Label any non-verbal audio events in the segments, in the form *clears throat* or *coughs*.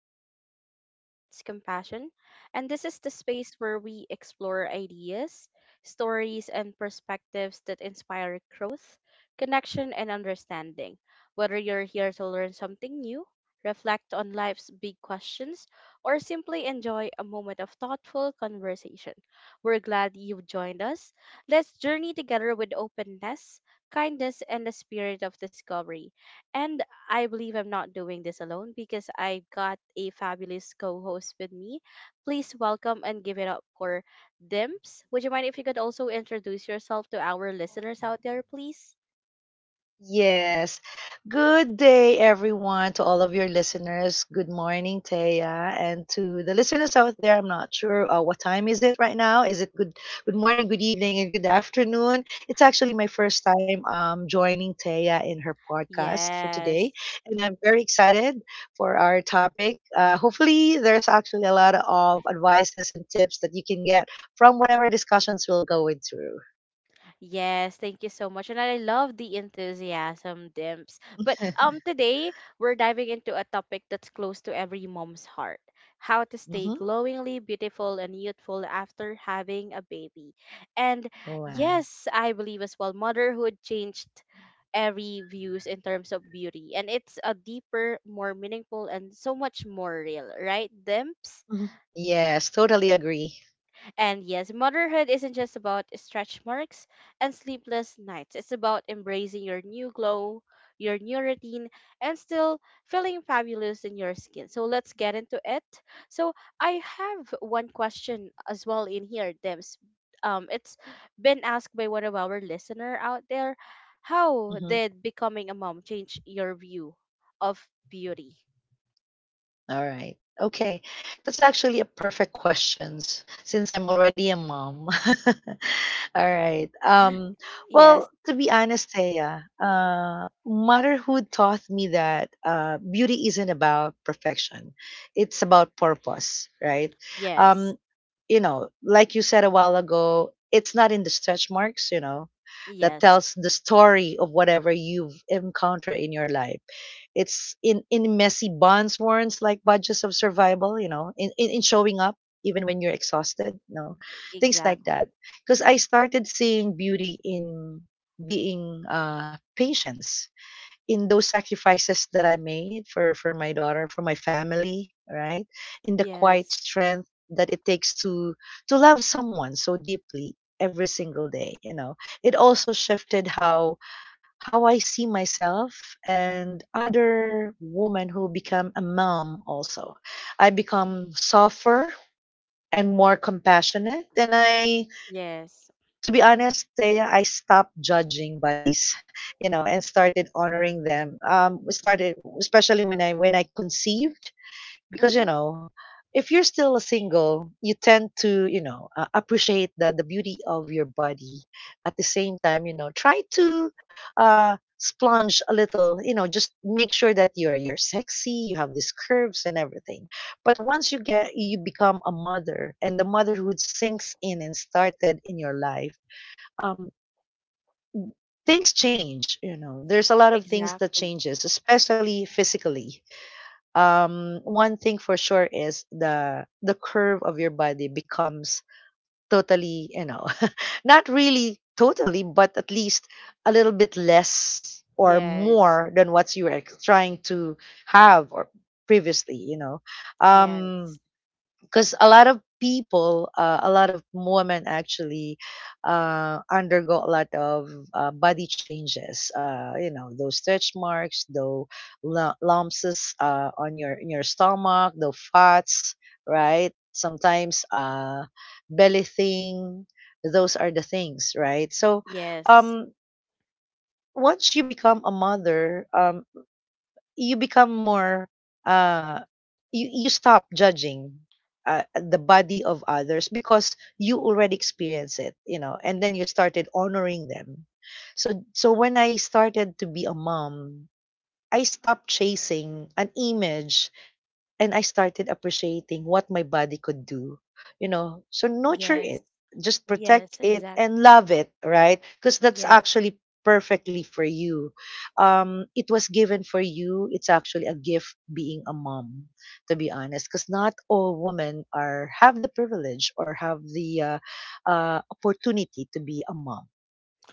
where curiosity meets compassion. And this is the space where we explore ideas, stories, and perspectives that inspire growth, connection, and understanding. Whether you're here to learn something new, reflect on life's big questions, or simply enjoy a moment of thoughtful conversation, we're glad you've joined us. Let's journey together with openness kindness, and the spirit of discovery. And I believe I'm not doing this alone because I've got a fabulous co host with me. Please welcome and give it up for Dimps. Would you mind if you could also introduce yourself to our listeners out there, please? Yes. Good day, everyone, to all of your listeners. Good morning, Taya, and to the listeners out there. I'm not sure what time is it right now. Is it good? Good morning, good evening, and good afternoon. It's actually my first time joining Taya in her podcast for today, Yes. and I'm very excited for our topic. Hopefully, there's actually a lot of advices and tips that you can get from whatever discussions we'll go into. Yes, thank you so much. And I love the enthusiasm, Dimps. But *laughs* today we're diving into a topic that's close to every mom's heart. How to stay hmm glowingly beautiful and youthful after having a baby. And Wow. yes, I believe as well motherhood changed every views in terms of beauty and it's a deeper, more meaningful and so much more real, right, Dimps? Mhm. Yes, totally agree. And yes, motherhood isn't just about stretch marks and sleepless nights. It's about embracing your new glow, your new routine, and still feeling fabulous in your skin. So let's get into it. So I have one question as well in here, Dims. It's been asked by one of our listener out there. How Mhm. did becoming a mom change your view of beauty? All right. Okay. That's actually a perfect questions since I'm already a mom. *laughs* All right. *gasps* Yes, Well, to be honest, Thea, motherhood taught me that beauty isn't about perfection. It's about purpose, right? Um, yes, you know, like you said a while ago, it's not in the stretch marks, you know, that yes, tells the story of whatever you've encountered in your life. It's in messy bonds warrants like budgets of survival, you know, in showing up even when you're exhausted, no, things like exactly. that. Because I started seeing beauty in being patience in those sacrifices that I made for my daughter, for my family, right? In the quiet Yes. strength that it takes to love someone so deeply every single day, you know. It also shifted how I see myself and other women who become a mom also. I become softer and more compassionate, and I, Yes. to be honest, Thea, I stopped judging bodies, you know, and started honoring them. Started especially when I conceived, because you Mm-hmm. know, if you're still a single, you tend to, you know, appreciate the beauty of your body. At the same time, you know, try to splunge a little, you know, just make sure that you're sexy, you have these curves and everything. But once you get you become a mother and the motherhood sinks in and started in your life, um things change, you know. There's a lot of things that Exactly. changes, especially physically. One thing for sure is the curve of your body becomes totally, you know, *laughs* not really totally, but at least a little bit less or Yes. more than what you were trying to have or previously, you know. um Yes. because a lot of people, a lot of women actually undergo a lot of body changes, you know, those stretch marks, those lumps, on your, in your stomach, the fats, right? Sometimes belly thing, those are the things, right? So Yes. um once you become a mother, you become more, uh you, you stop judging the body of others because you already experience it, you know, and then you started honoring them. So so when I started to be a mom, I stopped chasing an image and I started appreciating what my body could do, you know. So nurture Yes. it, just protect Yes. it Exactly. and love it, right? Because that's Yes. actually perfectly for you. It was given for you. It's actually a gift being a mom, to be honest, because not all women are have the privilege or have the opportunity to be a mom.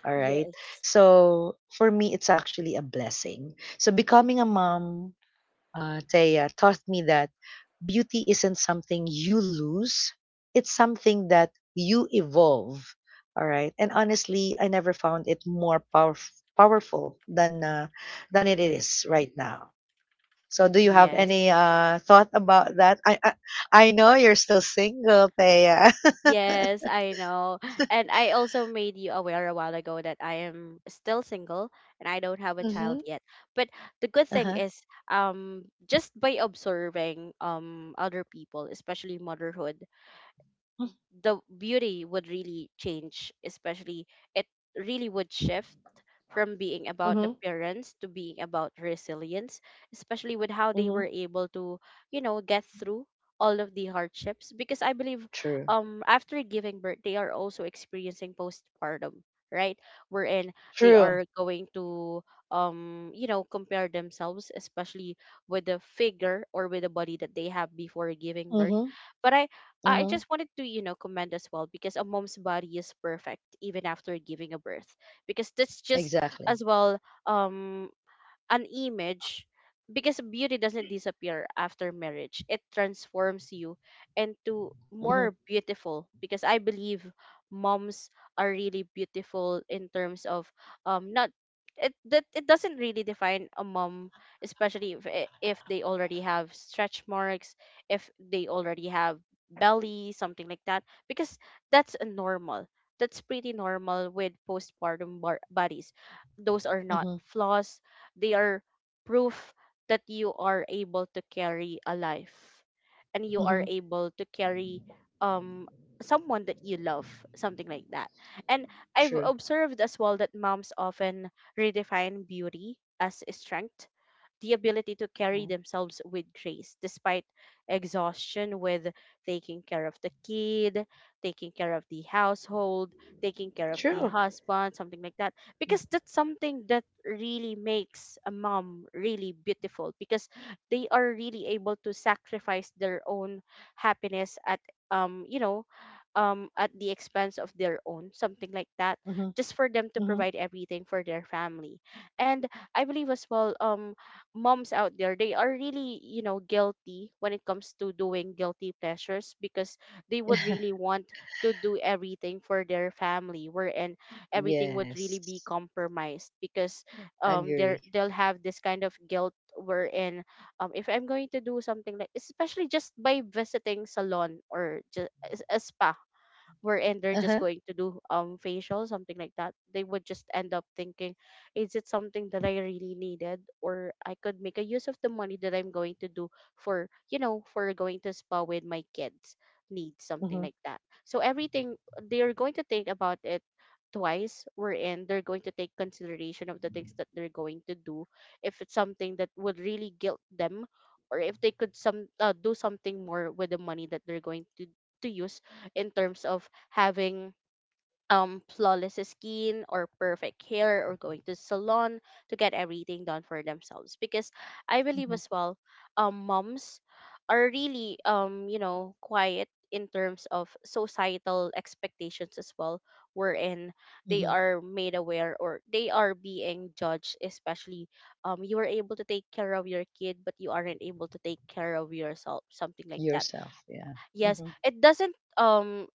All right. Yes. So for me, it's actually a blessing. So becoming a mom, Thea, taught me that beauty isn't something you lose, it's something that you evolve. All right. And honestly, I never found it more powerful than it is right now. So, do you have Yes. any thought about that? I know you're still single, Thea. Yes, I know. And I also made you aware a while ago that I am still single and I don't have a *laughs* child mm-hmm. yet. But the good thing Uh-huh. is, just by observing other people, especially motherhood, the beauty would really change, especially it really would shift from being about Mm-hmm. appearance to being about resilience, especially with how they Mm-hmm. were able to, you know, get through all of the hardships. Because I believe True. After giving birth they are also experiencing postpartum, right? Wherein they True. are going to you know, compare themselves, especially with the figure or with the body that they have before giving birth. Mm-hmm. But I Mm-hmm. just wanted to, you know, commend as well because a mom's body is perfect even after giving a birth. Because that's just Exactly. as well um an image because beauty doesn't disappear after marriage, it transforms you into Mm-hmm. more beautiful because I believe moms are really beautiful in terms of not it that it doesn't really define a mom, especially if they already have stretch marks, if they already have belly something like that because that's a normal, that's pretty normal with postpartum bodies. Those are not Mm-hmm. flaws, they are proof that you are able to carry a life and you are Mm-hmm. able to carry um someone that you love, something like that. And I've True. observed as well that moms often redefine beauty as strength, the ability to carry themselves with grace despite exhaustion, with taking care of the kid, taking care of the household, taking care of the Sure. husband, something like that. Because that's something that really makes a mom really beautiful because they are really able to sacrifice their own happiness at um you know at the expense of their own, something like that, Mm-hmm. just for them to Mm-hmm. provide everything for their family. And I believe as well, moms out there, they are really, you know, guilty when it comes to doing guilty pleasures because they would *laughs* really want to do everything for their family wherein everything would really be Yes. compromised because um they Agree. they'll have this kind of guilt wherein if I'm going to do something like, especially just by visiting salon or just a spa wherein they're just Uh-huh. going to do facial something like that, they would just end up thinking, is it something that I really needed or I could make a use of the money that I'm going to do for, you know, for going to spa with my kid's needs, something Mm-hmm. like that. So everything they're going to think about it twice, wherein they're going to take consideration of the things that they're going to do if it's something that would really guilt them, or if they could some do something more with the money that they're going to use in terms of having flawless skin or perfect hair or going to salon to get everything done for themselves. Because I believe Mm-hmm. as well, moms are really you know quiet in terms of societal expectations as well, wherein they Mm-hmm. are made aware or they are being judged, especially you are able to take care of your kid but you aren't able to take care of yourself, something like that. Yourself. Yeah. Yes, Mm-hmm. it doesn't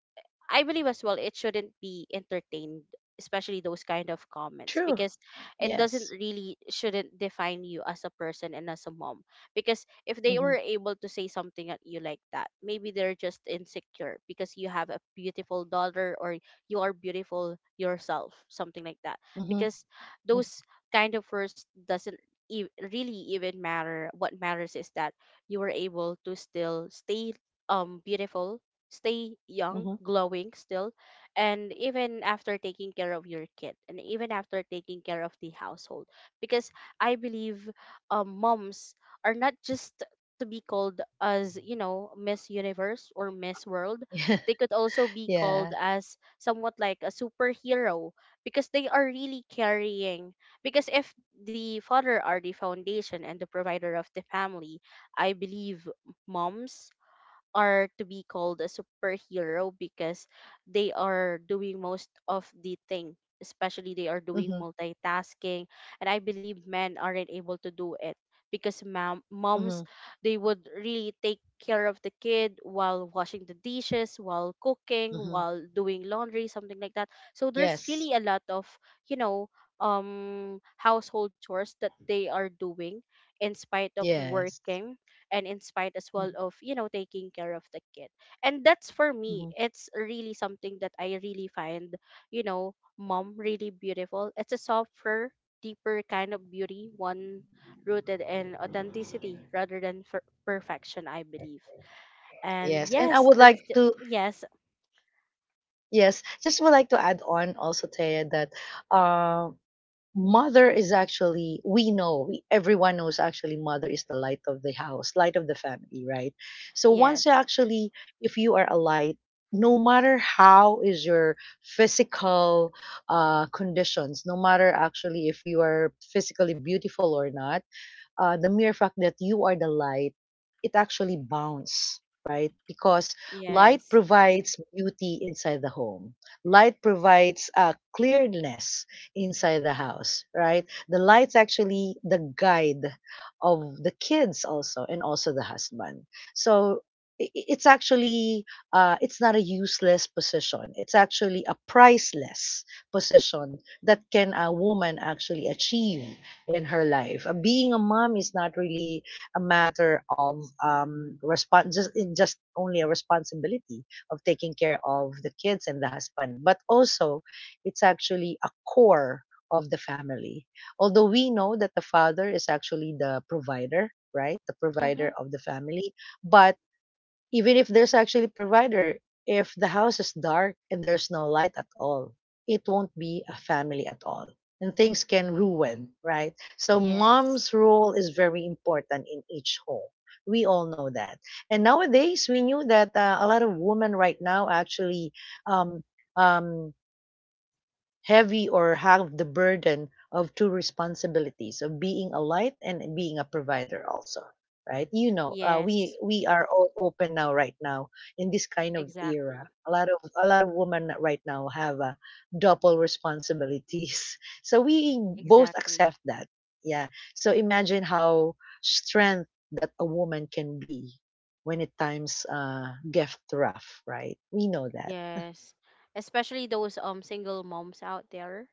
I believe as well it shouldn't be entertained, especially those kind of comments, True. because it doesn't Yes. really shouldn't define you as a person and as a mom. Because if they Mm-hmm. were able to say something at you like that, maybe they're just insecure because you have a beautiful daughter, or you are beautiful yourself, something like that. Mm-hmm. Because Mm. those kind of words doesn't really even matter. What matters is that you were able to still stay beautiful, stay young, Mm-hmm. glowing still, and even after taking care of your kid and even after taking care of the household. Because I believe moms are not just to be called as, you know, Miss Universe or Miss World. They *laughs* Yeah. could also be Yeah. called as somewhat like a superhero because they are really carrying. Because if the father are the foundation and the provider of the family, I believe moms are to be called a superhero because they are doing most of the thing, especially they are doing Mm-hmm. multitasking. And I believe men aren't able to do it because Mm-hmm. moms, they would really take care of the kid while washing the dishes, while cooking, Mm-hmm. while doing laundry, something like that. So there's Yes. really a lot of, you know, household chores that they are doing in spite of Yes. working and inspired as well Mm-hmm. of, you know, taking care of the kid. And that's, for me, Mm-hmm. it's really something that I really find, you know, mom really beautiful. It's a softer, deeper kind of beauty, one rooted in authenticity rather than for perfection, I believe. And Yes. And I yes, would like to yes, Yes, just would like to add on also, Taya, that uh, mother is actually, everyone knows actually mother is the light of the house, light of the family, right? So yes, once you actually, if you are a light, no matter how is your physical conditions, no matter actually if you are physically beautiful or not, the mere fact that you are the light, it actually bounds, right? Because light yes, provides beauty inside the home. Light provides clearness inside the house, right? The light's actually the guide of the kids also and also the husband. So it's actually it's not a useless position. It's actually a priceless position that can a woman actually achieve in her life. Being a mom is not really a matter of respons- just in just only a responsibility of taking care of the kids and the husband, but also it's actually a core of the family. Although we know that the father is actually the provider, right? The mm-hmm, provider of the family, but even if there's actually provider, if the house is dark and there's no light at all, it won't be a family at all. And things can ruin, right? So yes, mom's role is very important in each home. We all know that. And nowadays, we knew that a lot of women right now actually um, um, heavy or have the burden of two responsibilities of being a light and being a provider also, right? You know, uh, yes, we we are all open now right now. In this kind of exactly, era, a lot of women right now have double responsibilities. *laughs* So we both exactly, accept that. Yeah. So imagine how strength that a woman can be when it times get rough, right? We know that. yes, especially those single moms out there.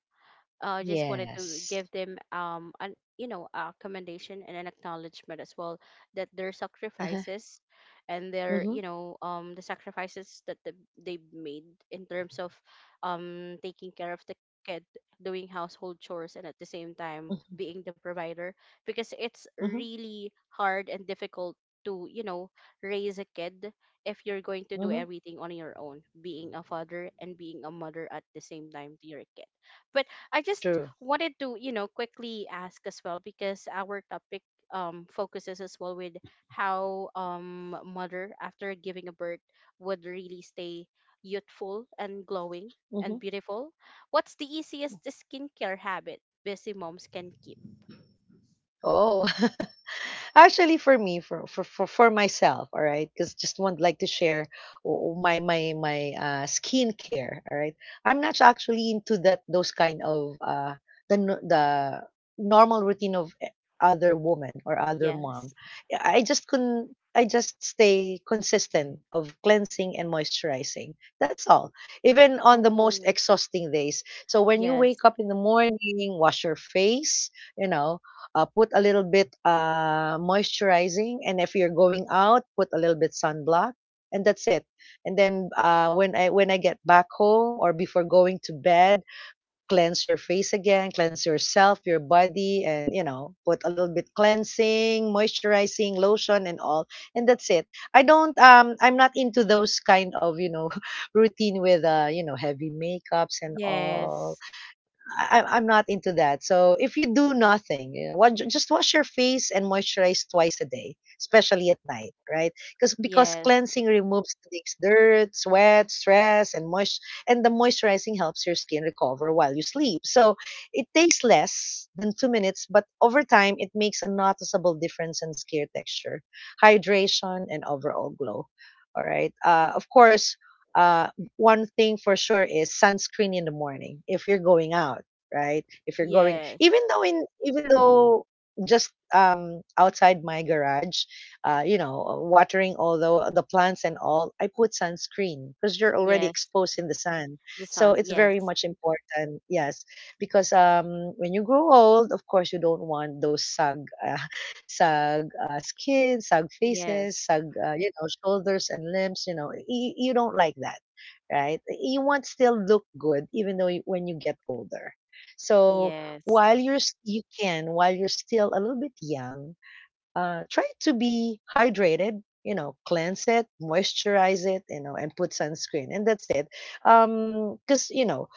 I just wanted to Yes. give them an you know a commendation and an acknowledgement as well that their *laughs* uh-huh. sacrifices and their, Hmm. you know, the sacrifices that they've made in terms of taking care of the kid, doing household chores, and at the same time being the provider. Because it's Mhm, really hard and difficult to, you know, raise a kid if you're going to do mhm, everything on your own, being a father and being a mother at the same time to your kid. But I just true. wanted to, you know, quickly ask as well because our topic focuses as well with how mother after giving a birth would really stay youthful and glowing Mhm. and beautiful. What's the easiest skincare habit busy moms can keep? Oh. *laughs* Actually, for me, for myself, all right, because just want like to share my skincare, all right. I'm not actually into that those kind of the normal routine of other woman or other mom. Yes. I just couldn't. I just stay consistent of cleansing and moisturizing. That's all. Even on the most Oh, exhausting days. So when you yes. wake up in the morning, wash your face, you know, put a little bit moisturizing, and if you're going out, put a little bit sunblock, and that's it. And then when I get back home or before going to bed, cleanse your face again, cleanse yourself, your body, and you know, put a little bit cleansing moisturizing lotion and all, and that's it. I don't, I'm not into those kind of, you know, *laughs* routine with, you know, heavy makeups and all. Yes. I'm not into that. So if you do nothing, you know, just wash your face and moisturize twice a day, especially at night, right? Because Yes. cleansing removes things, dirt, sweat, stress, and moist, and the moisturizing helps your skin recover while you sleep. So it takes less than 2 minutes, but over time it makes a noticeable difference in skin texture, hydration, and overall glow. All right. Of course. Uh, One thing for sure is sunscreen in the morning if you're going out, right? If you're going, Yes. Even though just outside my garage, you know, watering all the plants and all, I put sunscreen because you're already Yes. exposed in the sun. The So sun. it's very Yes. much important, yes, because when you grow old, of course, you don't want those sag, uh, *laughs* sag skin, sag faces, Yes. sag you know, shoulders and limbs. You know, you don't like that, right? You want still look good even though when you get older. So Yes. while you can while you're still a little bit young, try to be hydrated. You know, cleanse it, moisturize it, you know, and put sunscreen, and that's it. Because you know,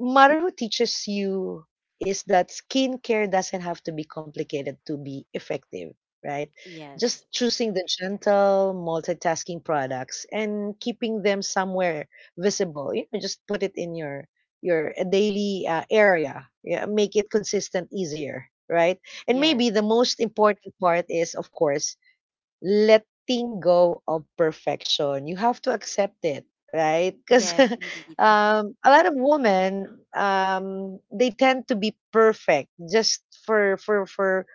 matter who teaches you is that skincare doesn't have to be complicated to be effective, right? Yes. Just choosing the gentle, multitasking products and keeping them somewhere visible. You know, just put it in your daily area. Yeah, make it consistent, easier, right? And maybe Yes. the most important part is, of course, letting go of perfection. You have to accept it, right? Because Yes, indeed. *laughs* A lot of women, they tend to be perfect just for for for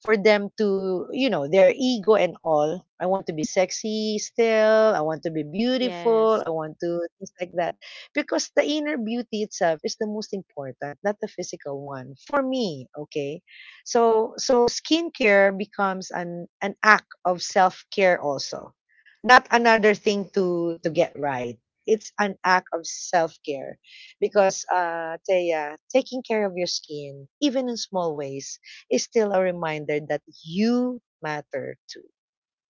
for them to, you know, their ego and all. I want to be sexy still. I want to be beautiful. Yes. I want to things like that. Because the inner beauty itself is the most important, not the physical one. For me, okay. So so skincare becomes an act of self-care also. Not another thing to get right. It's an act of self-care because Thea, taking care of your skin even in small ways is still a reminder that you matter too,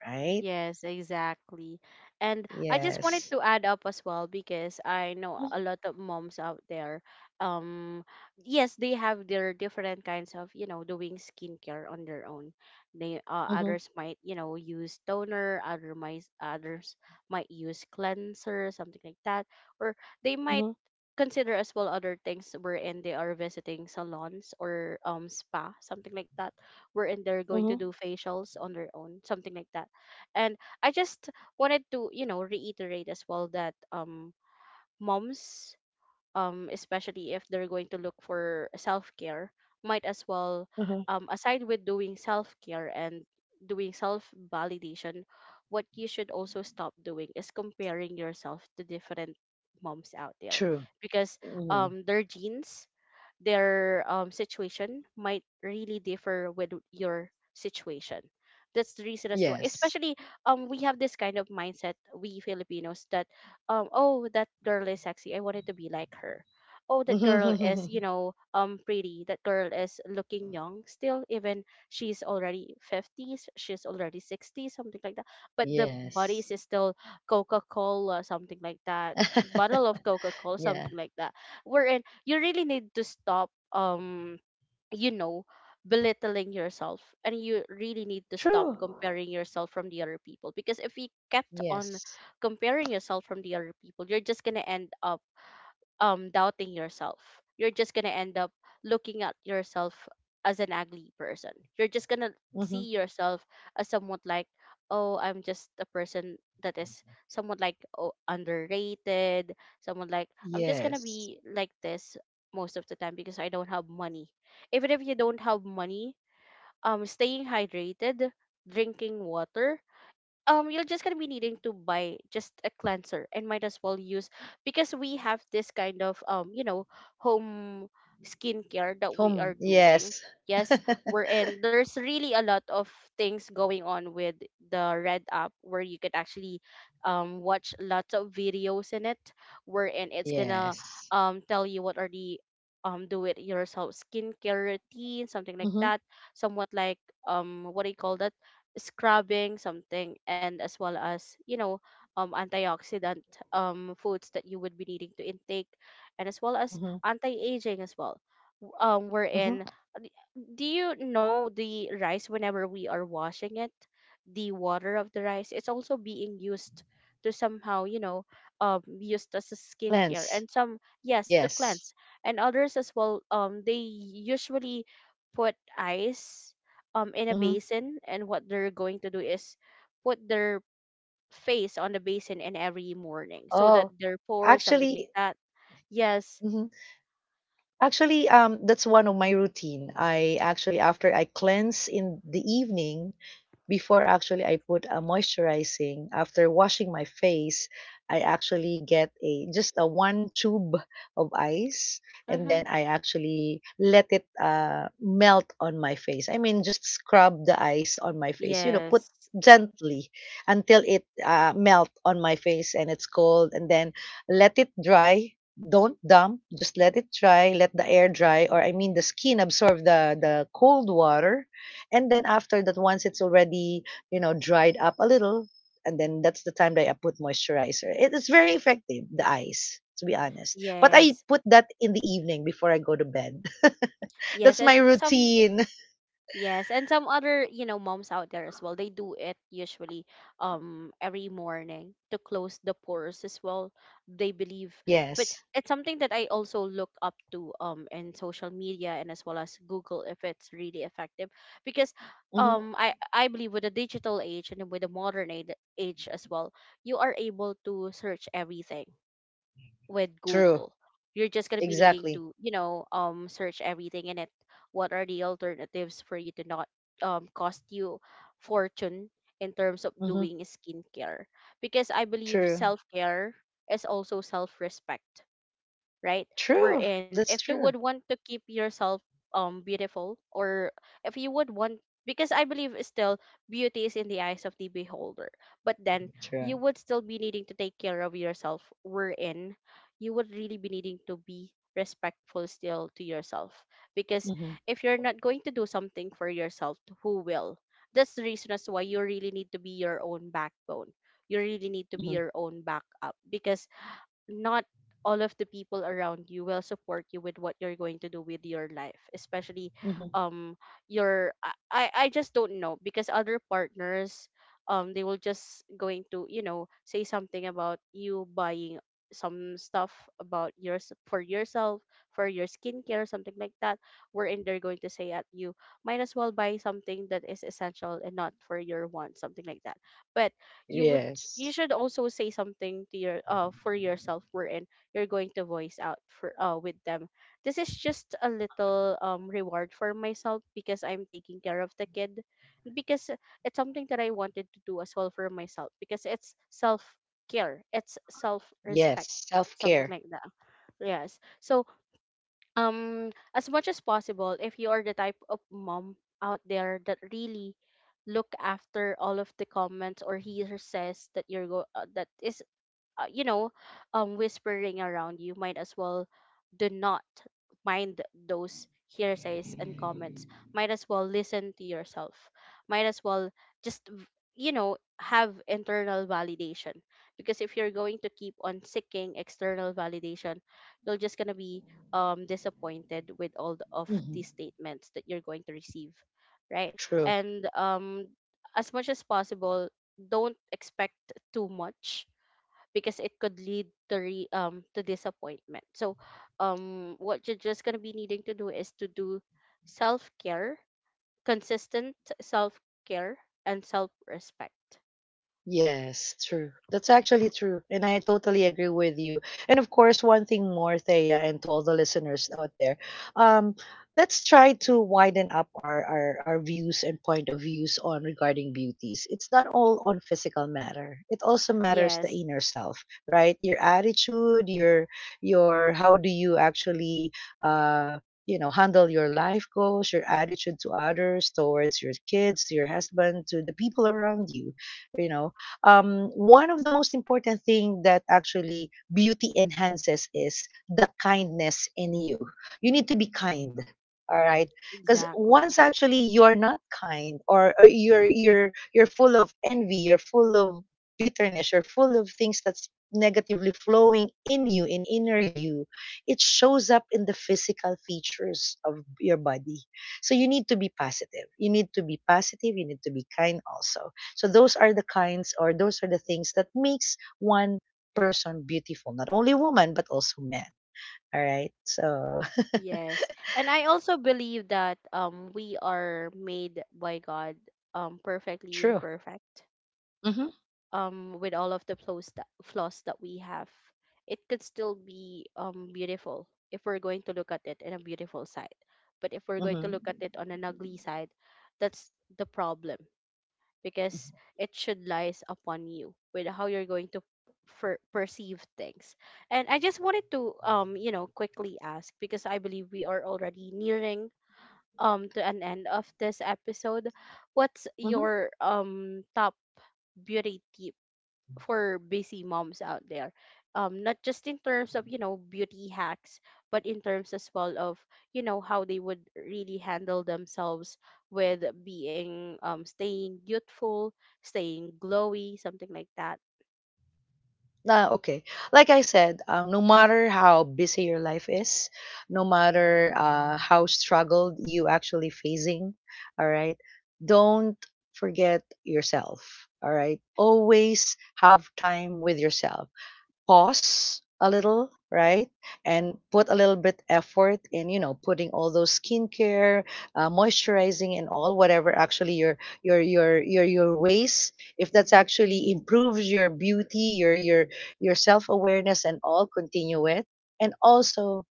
right? Yes, exactly. And I just wanted Yes. to add up as well because I know a Mm-hmm, lot of moms out there. Um, yes, they have their different kinds of, you know, doing skincare on their own. They others might, you know, use toner, others might use cleanser, something like that, or they might mm-hmm, consider as well other things wherein they are visiting salons or spa, something like that, wherein they're going to mm-hmm, do facials on their own, something like that. And I just wanted to, you know, reiterate as well that moms, especially if they're going to look for self-care, might as well mm-hmm. Aside with doing self-care and doing self-validation, what you should also stop doing is comparing yourself to different moms out there. True. Because Mm-hmm. Their genes, their situation might really differ with your situation. That's the reason as to why. Yes. Especially we have this kind of mindset, we Filipinos, that oh, that girl is sexy. I wanted to be like her. Oh, that girl is, you *laughs* know, pretty. That girl is looking young still, even she's already fifties, she's already sixties, something like that. But the bodies Yes. is still Coca Cola, something like that. Bottle *laughs* of Coca Cola, Yeah. something like that, wherein you really need to stop you know belittling yourself, and you really need to stop True. comparing yourself from the other people, because if you kept on Yes. comparing yourself from the other people, you're just going to end up doubting yourself. You're just gonna end up looking at yourself as an ugly person. You're just gonna see Mm-hmm. yourself as somewhat like, oh, I'm just a person that is somewhat like, oh, underrated. Someone like I'm just gonna Yes. be like this most of the time because I don't have money. Even if you don't have money, staying hydrated, drinking water, you're just gonna be needing to buy just a cleanser and might as well use, because we have this kind of home skincare that we are Home. doing. Yes. Yes. we're in There's really a lot of things going on with the red app where you could actually watch lots of videos in it, wherein *laughs* it's gonna Yes. Tell you what are the do it yourself skincare routine, something like Mm-hmm, that, somewhat like, what do you call that, scrubbing something, and as well as antioxidant foods that you would be needing to intake, and as well as mm-hmm, anti-aging as well. Mm-hmm. Wherein, do you know, the rice, whenever we are washing it, the water of the rice is also being used to somehow, used as a skincare Plants. and some, yes, to Yes. cleanse. And others as well, they usually put ice in a Mm-hmm. basin, and what they're going to do is put their face on the basin in every morning so that Oh, their pores, something like actually, that. Yes. Actually, that's one of my routine. I actually, after I cleanse in the evening, before actually I put a moisturizing, after washing my face, I actually get a just a one tube of ice, and Mm-hmm. then I actually let it melt on my face. I mean, just scrub the ice on my face. You know, put Yes. gently until it melt on my face and it's cold, and then let it dry, don't dump, just let it dry, let the air dry, or I mean the skin absorb the cold water. And then after that, once it's already, dried up a little, and then that's the time that I put moisturizer. It is very effective, the ice, to be honest. But I Yes. put that in the evening before I go to bed. *laughs* That's Yes, my and some routine. *laughs* Yes, and some other, moms out there as well, they do it usually every morning to close the pores as well, they believe. But Yes. it's something that I also look up to in social media, and as well as Google, if it's really effective, because Hmm. I believe with the digital age and with the modern age as well, you are able to search everything with Google. True. You're just gonna be needing to, Exactly. Search everything in it. What are the alternatives for you to not cost you fortune in terms of Mhm. doing skincare? Because I believe True. self care is also self respect, right? True. Wherein if you That's would true. want to keep yourself beautiful, or if you would want, because I believe still beauty is in the eyes of the beholder. But then you True. would still be needing to take care of yourself, wherein you would really be needing to be respectful still to yourself. Because Mhm. if you're not going to do something for yourself, who will? That's the reason as to why you really need to be your own backbone. You really need to be Mhm. your own backup because not all of the people around you will support you with what you're going to do with your life, especially Mhm. um your I just don't know, because other partners they will just going to say something about you buying some stuff about yours for yourself for your skincare, something like that, wherein they're going to say at you, might as well buy something that is essential and not for your want, something like that. But you would you Yes. should also say something to your for yourself, wherein you're going to voice out for with them, this is just a little reward for myself because I'm taking care of the kid, because it's something that I wanted to do as well for myself because it's self care, it's self respect, Yes. Self something care. like that. Yes. So as much as possible, if you are the type of mom out there that really look after all of the comments or he says that you're go that is, uh, you know whispering around, you might as well do not mind those hearsays and comments, might as well listen to yourself, might as well just have internal validation, because if you're going to keep on seeking external validation, you're just going to be disappointed with all of Mhm. these statements that you're going to receive, right? True. And as much as possible, don't expect too much because it could lead to to disappointment. So, what you're just gonna be needing to do is to do self care, consistent self care, and self respect. Yes, true. That's actually true. And I totally agree with you. And of course, one thing more, Thea, and to all the listeners out there, um, let's try to widen up our views and point of views on regarding beauties. It's not all on physical matter. It also matters the Yes, inner self, right? Your attitude, your how do you actually uh handle your life goals, your attitude to others, towards your kids, to your husband, to the people around you you know One of the most important thing that actually beauty enhances is the kindness in you. You need to be kind. All right, because exactly. once actually you're not kind, or you're full of envy, you're full of bitterness, you're full of things that's negatively flowing in you, in inner you. It shows up in the physical features of your body. So you need to be positive. You need to be positive. You need to be kind also. So those are the kinds or those are the things that makes one person beautiful, not only woman but also men. All right. So Yes. And I also believe that we are made by God *laughs* perfectly true. imperfect. Mhm. With all of the flaws that we have, it could still be beautiful if we're going to look at it in a beautiful side, but if we're going to Mhm. look at it on an ugly side, that's the problem, because it should lies upon you with how you're going to perceive things. And I just wanted to quickly ask, because I believe we are already nearing to an end of this episode, what's Mm-hmm. your top beauty tip for busy moms out there, not just in terms of beauty hacks, but in terms as well of how they would really handle themselves with being staying youthful, staying glowy, something like that? Ah, okay. Like I said, no matter how busy your life is, no matter how struggled you actually facing, all right, don't forget yourself. All right, always have time with yourself. Pause a little, right? And put a little bit effort in, you know, putting all those skincare, moisturizing and all whatever actually your ways, if that's actually improves your beauty, your self-awareness and all, continue it. And also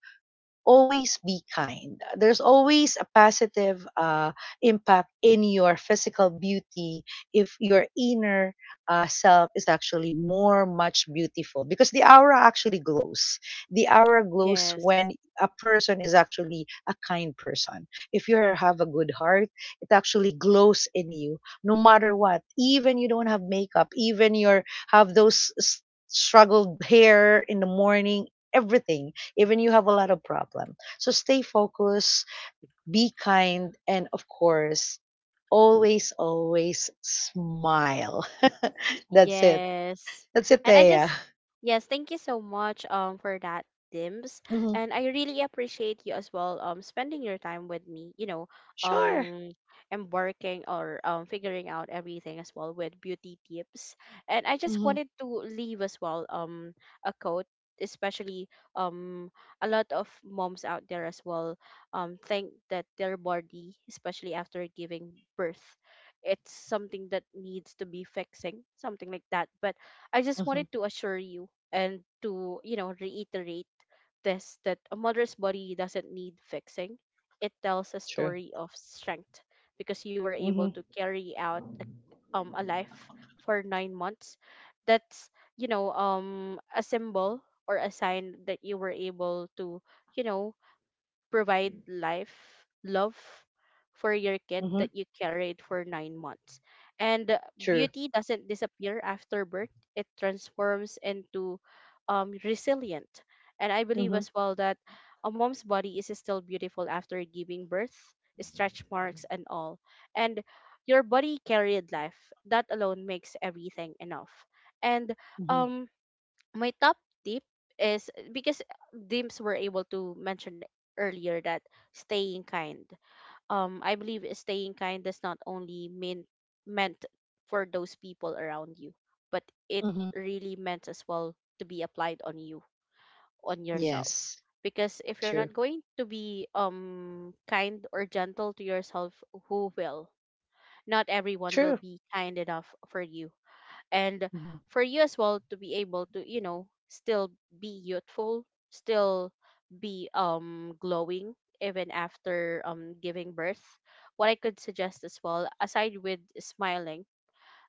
always be kind. There's always a positive impact in your physical beauty if your inner self is actually more much beautiful because the aura actually glows. The aura glows when Yes. a person is actually a kind person. If you have a good heart, it actually glows in you no matter what. Even you don't have makeup, even you have those struggled hair in the morning, everything, even you have a lot of problem, so stay focused, be kind, and of course, always always smile. *laughs* That's it. Yes. That's it, And, I Thea. just yes, thank you so much for that, Dims. Hmm. And I really appreciate you as well spending your time with me, Sure. um embarking or figuring out everything as well with beauty tips. And I just Hmm. wanted to leave as well a quote, especially um a lot of moms out there as well think that their body, especially after giving birth, it's something that needs to be fixing, something like that. But I just Hmm. wanted to assure you and to, reiterate this, that a mother's body doesn't need fixing. It tells a True. story of strength, because you were able Hmm. to carry out a life for 9 months. That's, a symbol or a sign that you were able to, you know, provide life, love for your kid Hmm. that you carried for 9 months. And True. beauty doesn't disappear after birth, it transforms into resilient. And I believe Hmm. as well that a mom's body is still beautiful after giving birth, stretch marks, and all. And your body carried life. That alone makes everything enough. And Hmm. um, my top tip is, because Dims were able to mention earlier, that staying kind. I believe staying kind does not only meant for those people around you, but it Hmm. really meant as well to be applied on you, on yourself. Yes. Because if you're True. not going to be kind or gentle to yourself, who will? Not everyone will True. be kind enough for you, and Hmm. for you as well to be able to still be youthful, still be glowing even after giving birth, what I could suggest as well aside with smiling,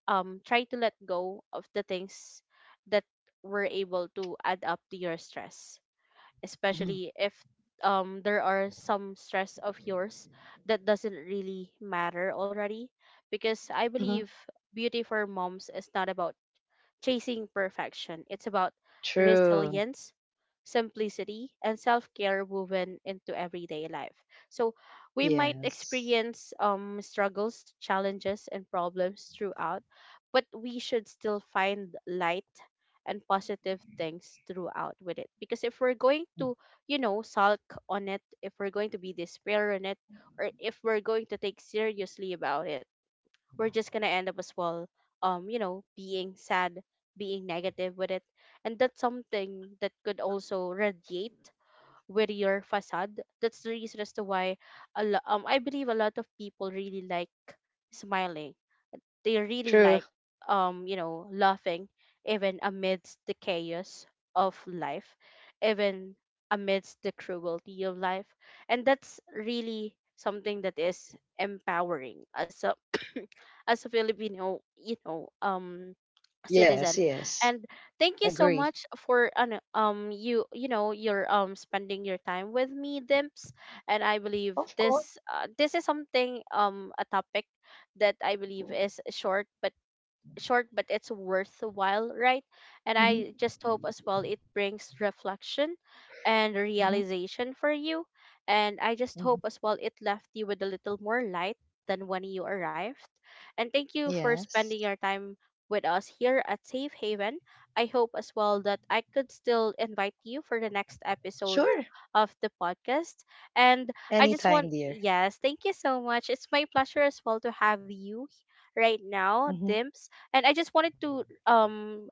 try to let go of the things that were able to add up to your stress, Hmm. especially if there are some stress of yours that doesn't really matter already, because I Hmm. believe beauty for moms is not about chasing perfection. It's about True. resilience, simplicity, and self care woven into everyday life. So we might Yes. experience struggles, challenges, and problems throughout, but we should still find light and positive things throughout with it. Because if we're going Mm. to, sulk on it, if we're going to be despair on it, or if we're going to take seriously about it, we're just gonna end up as well being sad, being negative with it, and that's something that could also radiate with your facade. That's the reason as to why I believe a lot of people really like smiling, they really True. like laughing even amidst the chaos of life, even amidst the cruelty of life. And that's really something that is empowering as a *coughs* *clears throat* as a Filipino, citizen. Yes. Yes. And thank you so Agree. much for ano, you you know your spending your time with me, Dimps. And I Of believe course. This is something, a topic that I believe is short but it's worthwhile, right? And Hmm. I just hope as well it brings reflection and Hmm. realization for you, and I just Hmm. hope as well it left you with a little more light than when you arrived. And thank you for Yes. spending your time with us here at Safe Haven. I hope as well that I could still invite you for the next Sure. episode of the podcast. And, I just Anytime, want dear. yes, thank you so much, it's my pleasure as well to have you right now, Mm-hmm. Dimps. And I just wanted to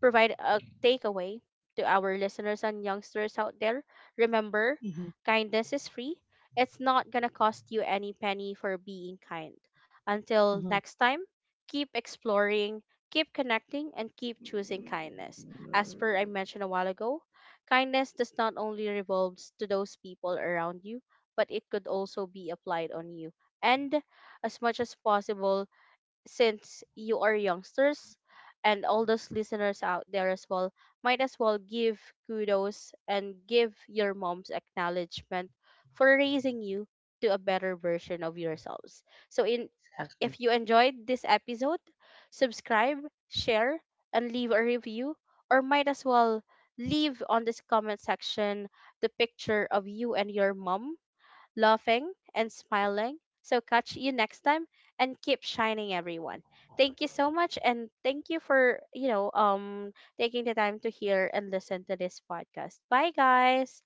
provide a takeaway to our listeners and youngsters out there. Remember, Mm-hmm. kindness is free. It's not going to cost you any penny for being kind. Until Mm-hmm. next time, keep exploring, keep connecting, and keep choosing kindness. As per I mentioned a while ago, kindness does not only revolves to those people around you, but it could also be applied on you. And as much as possible, since you are youngsters and all those listeners out there as well, might as well give kudos and give your mom's acknowledgement for raising you to a better version of yourselves. So in Exactly. if you enjoyed this episode, subscribe, share, and leave a review, or might as well leave on this comment section the picture of you and your mom laughing, and smiling. So, catch you next time and keep shining, everyone. Thank you so much. And thank you for, taking the time to hear and listen to this podcast. Bye, guys.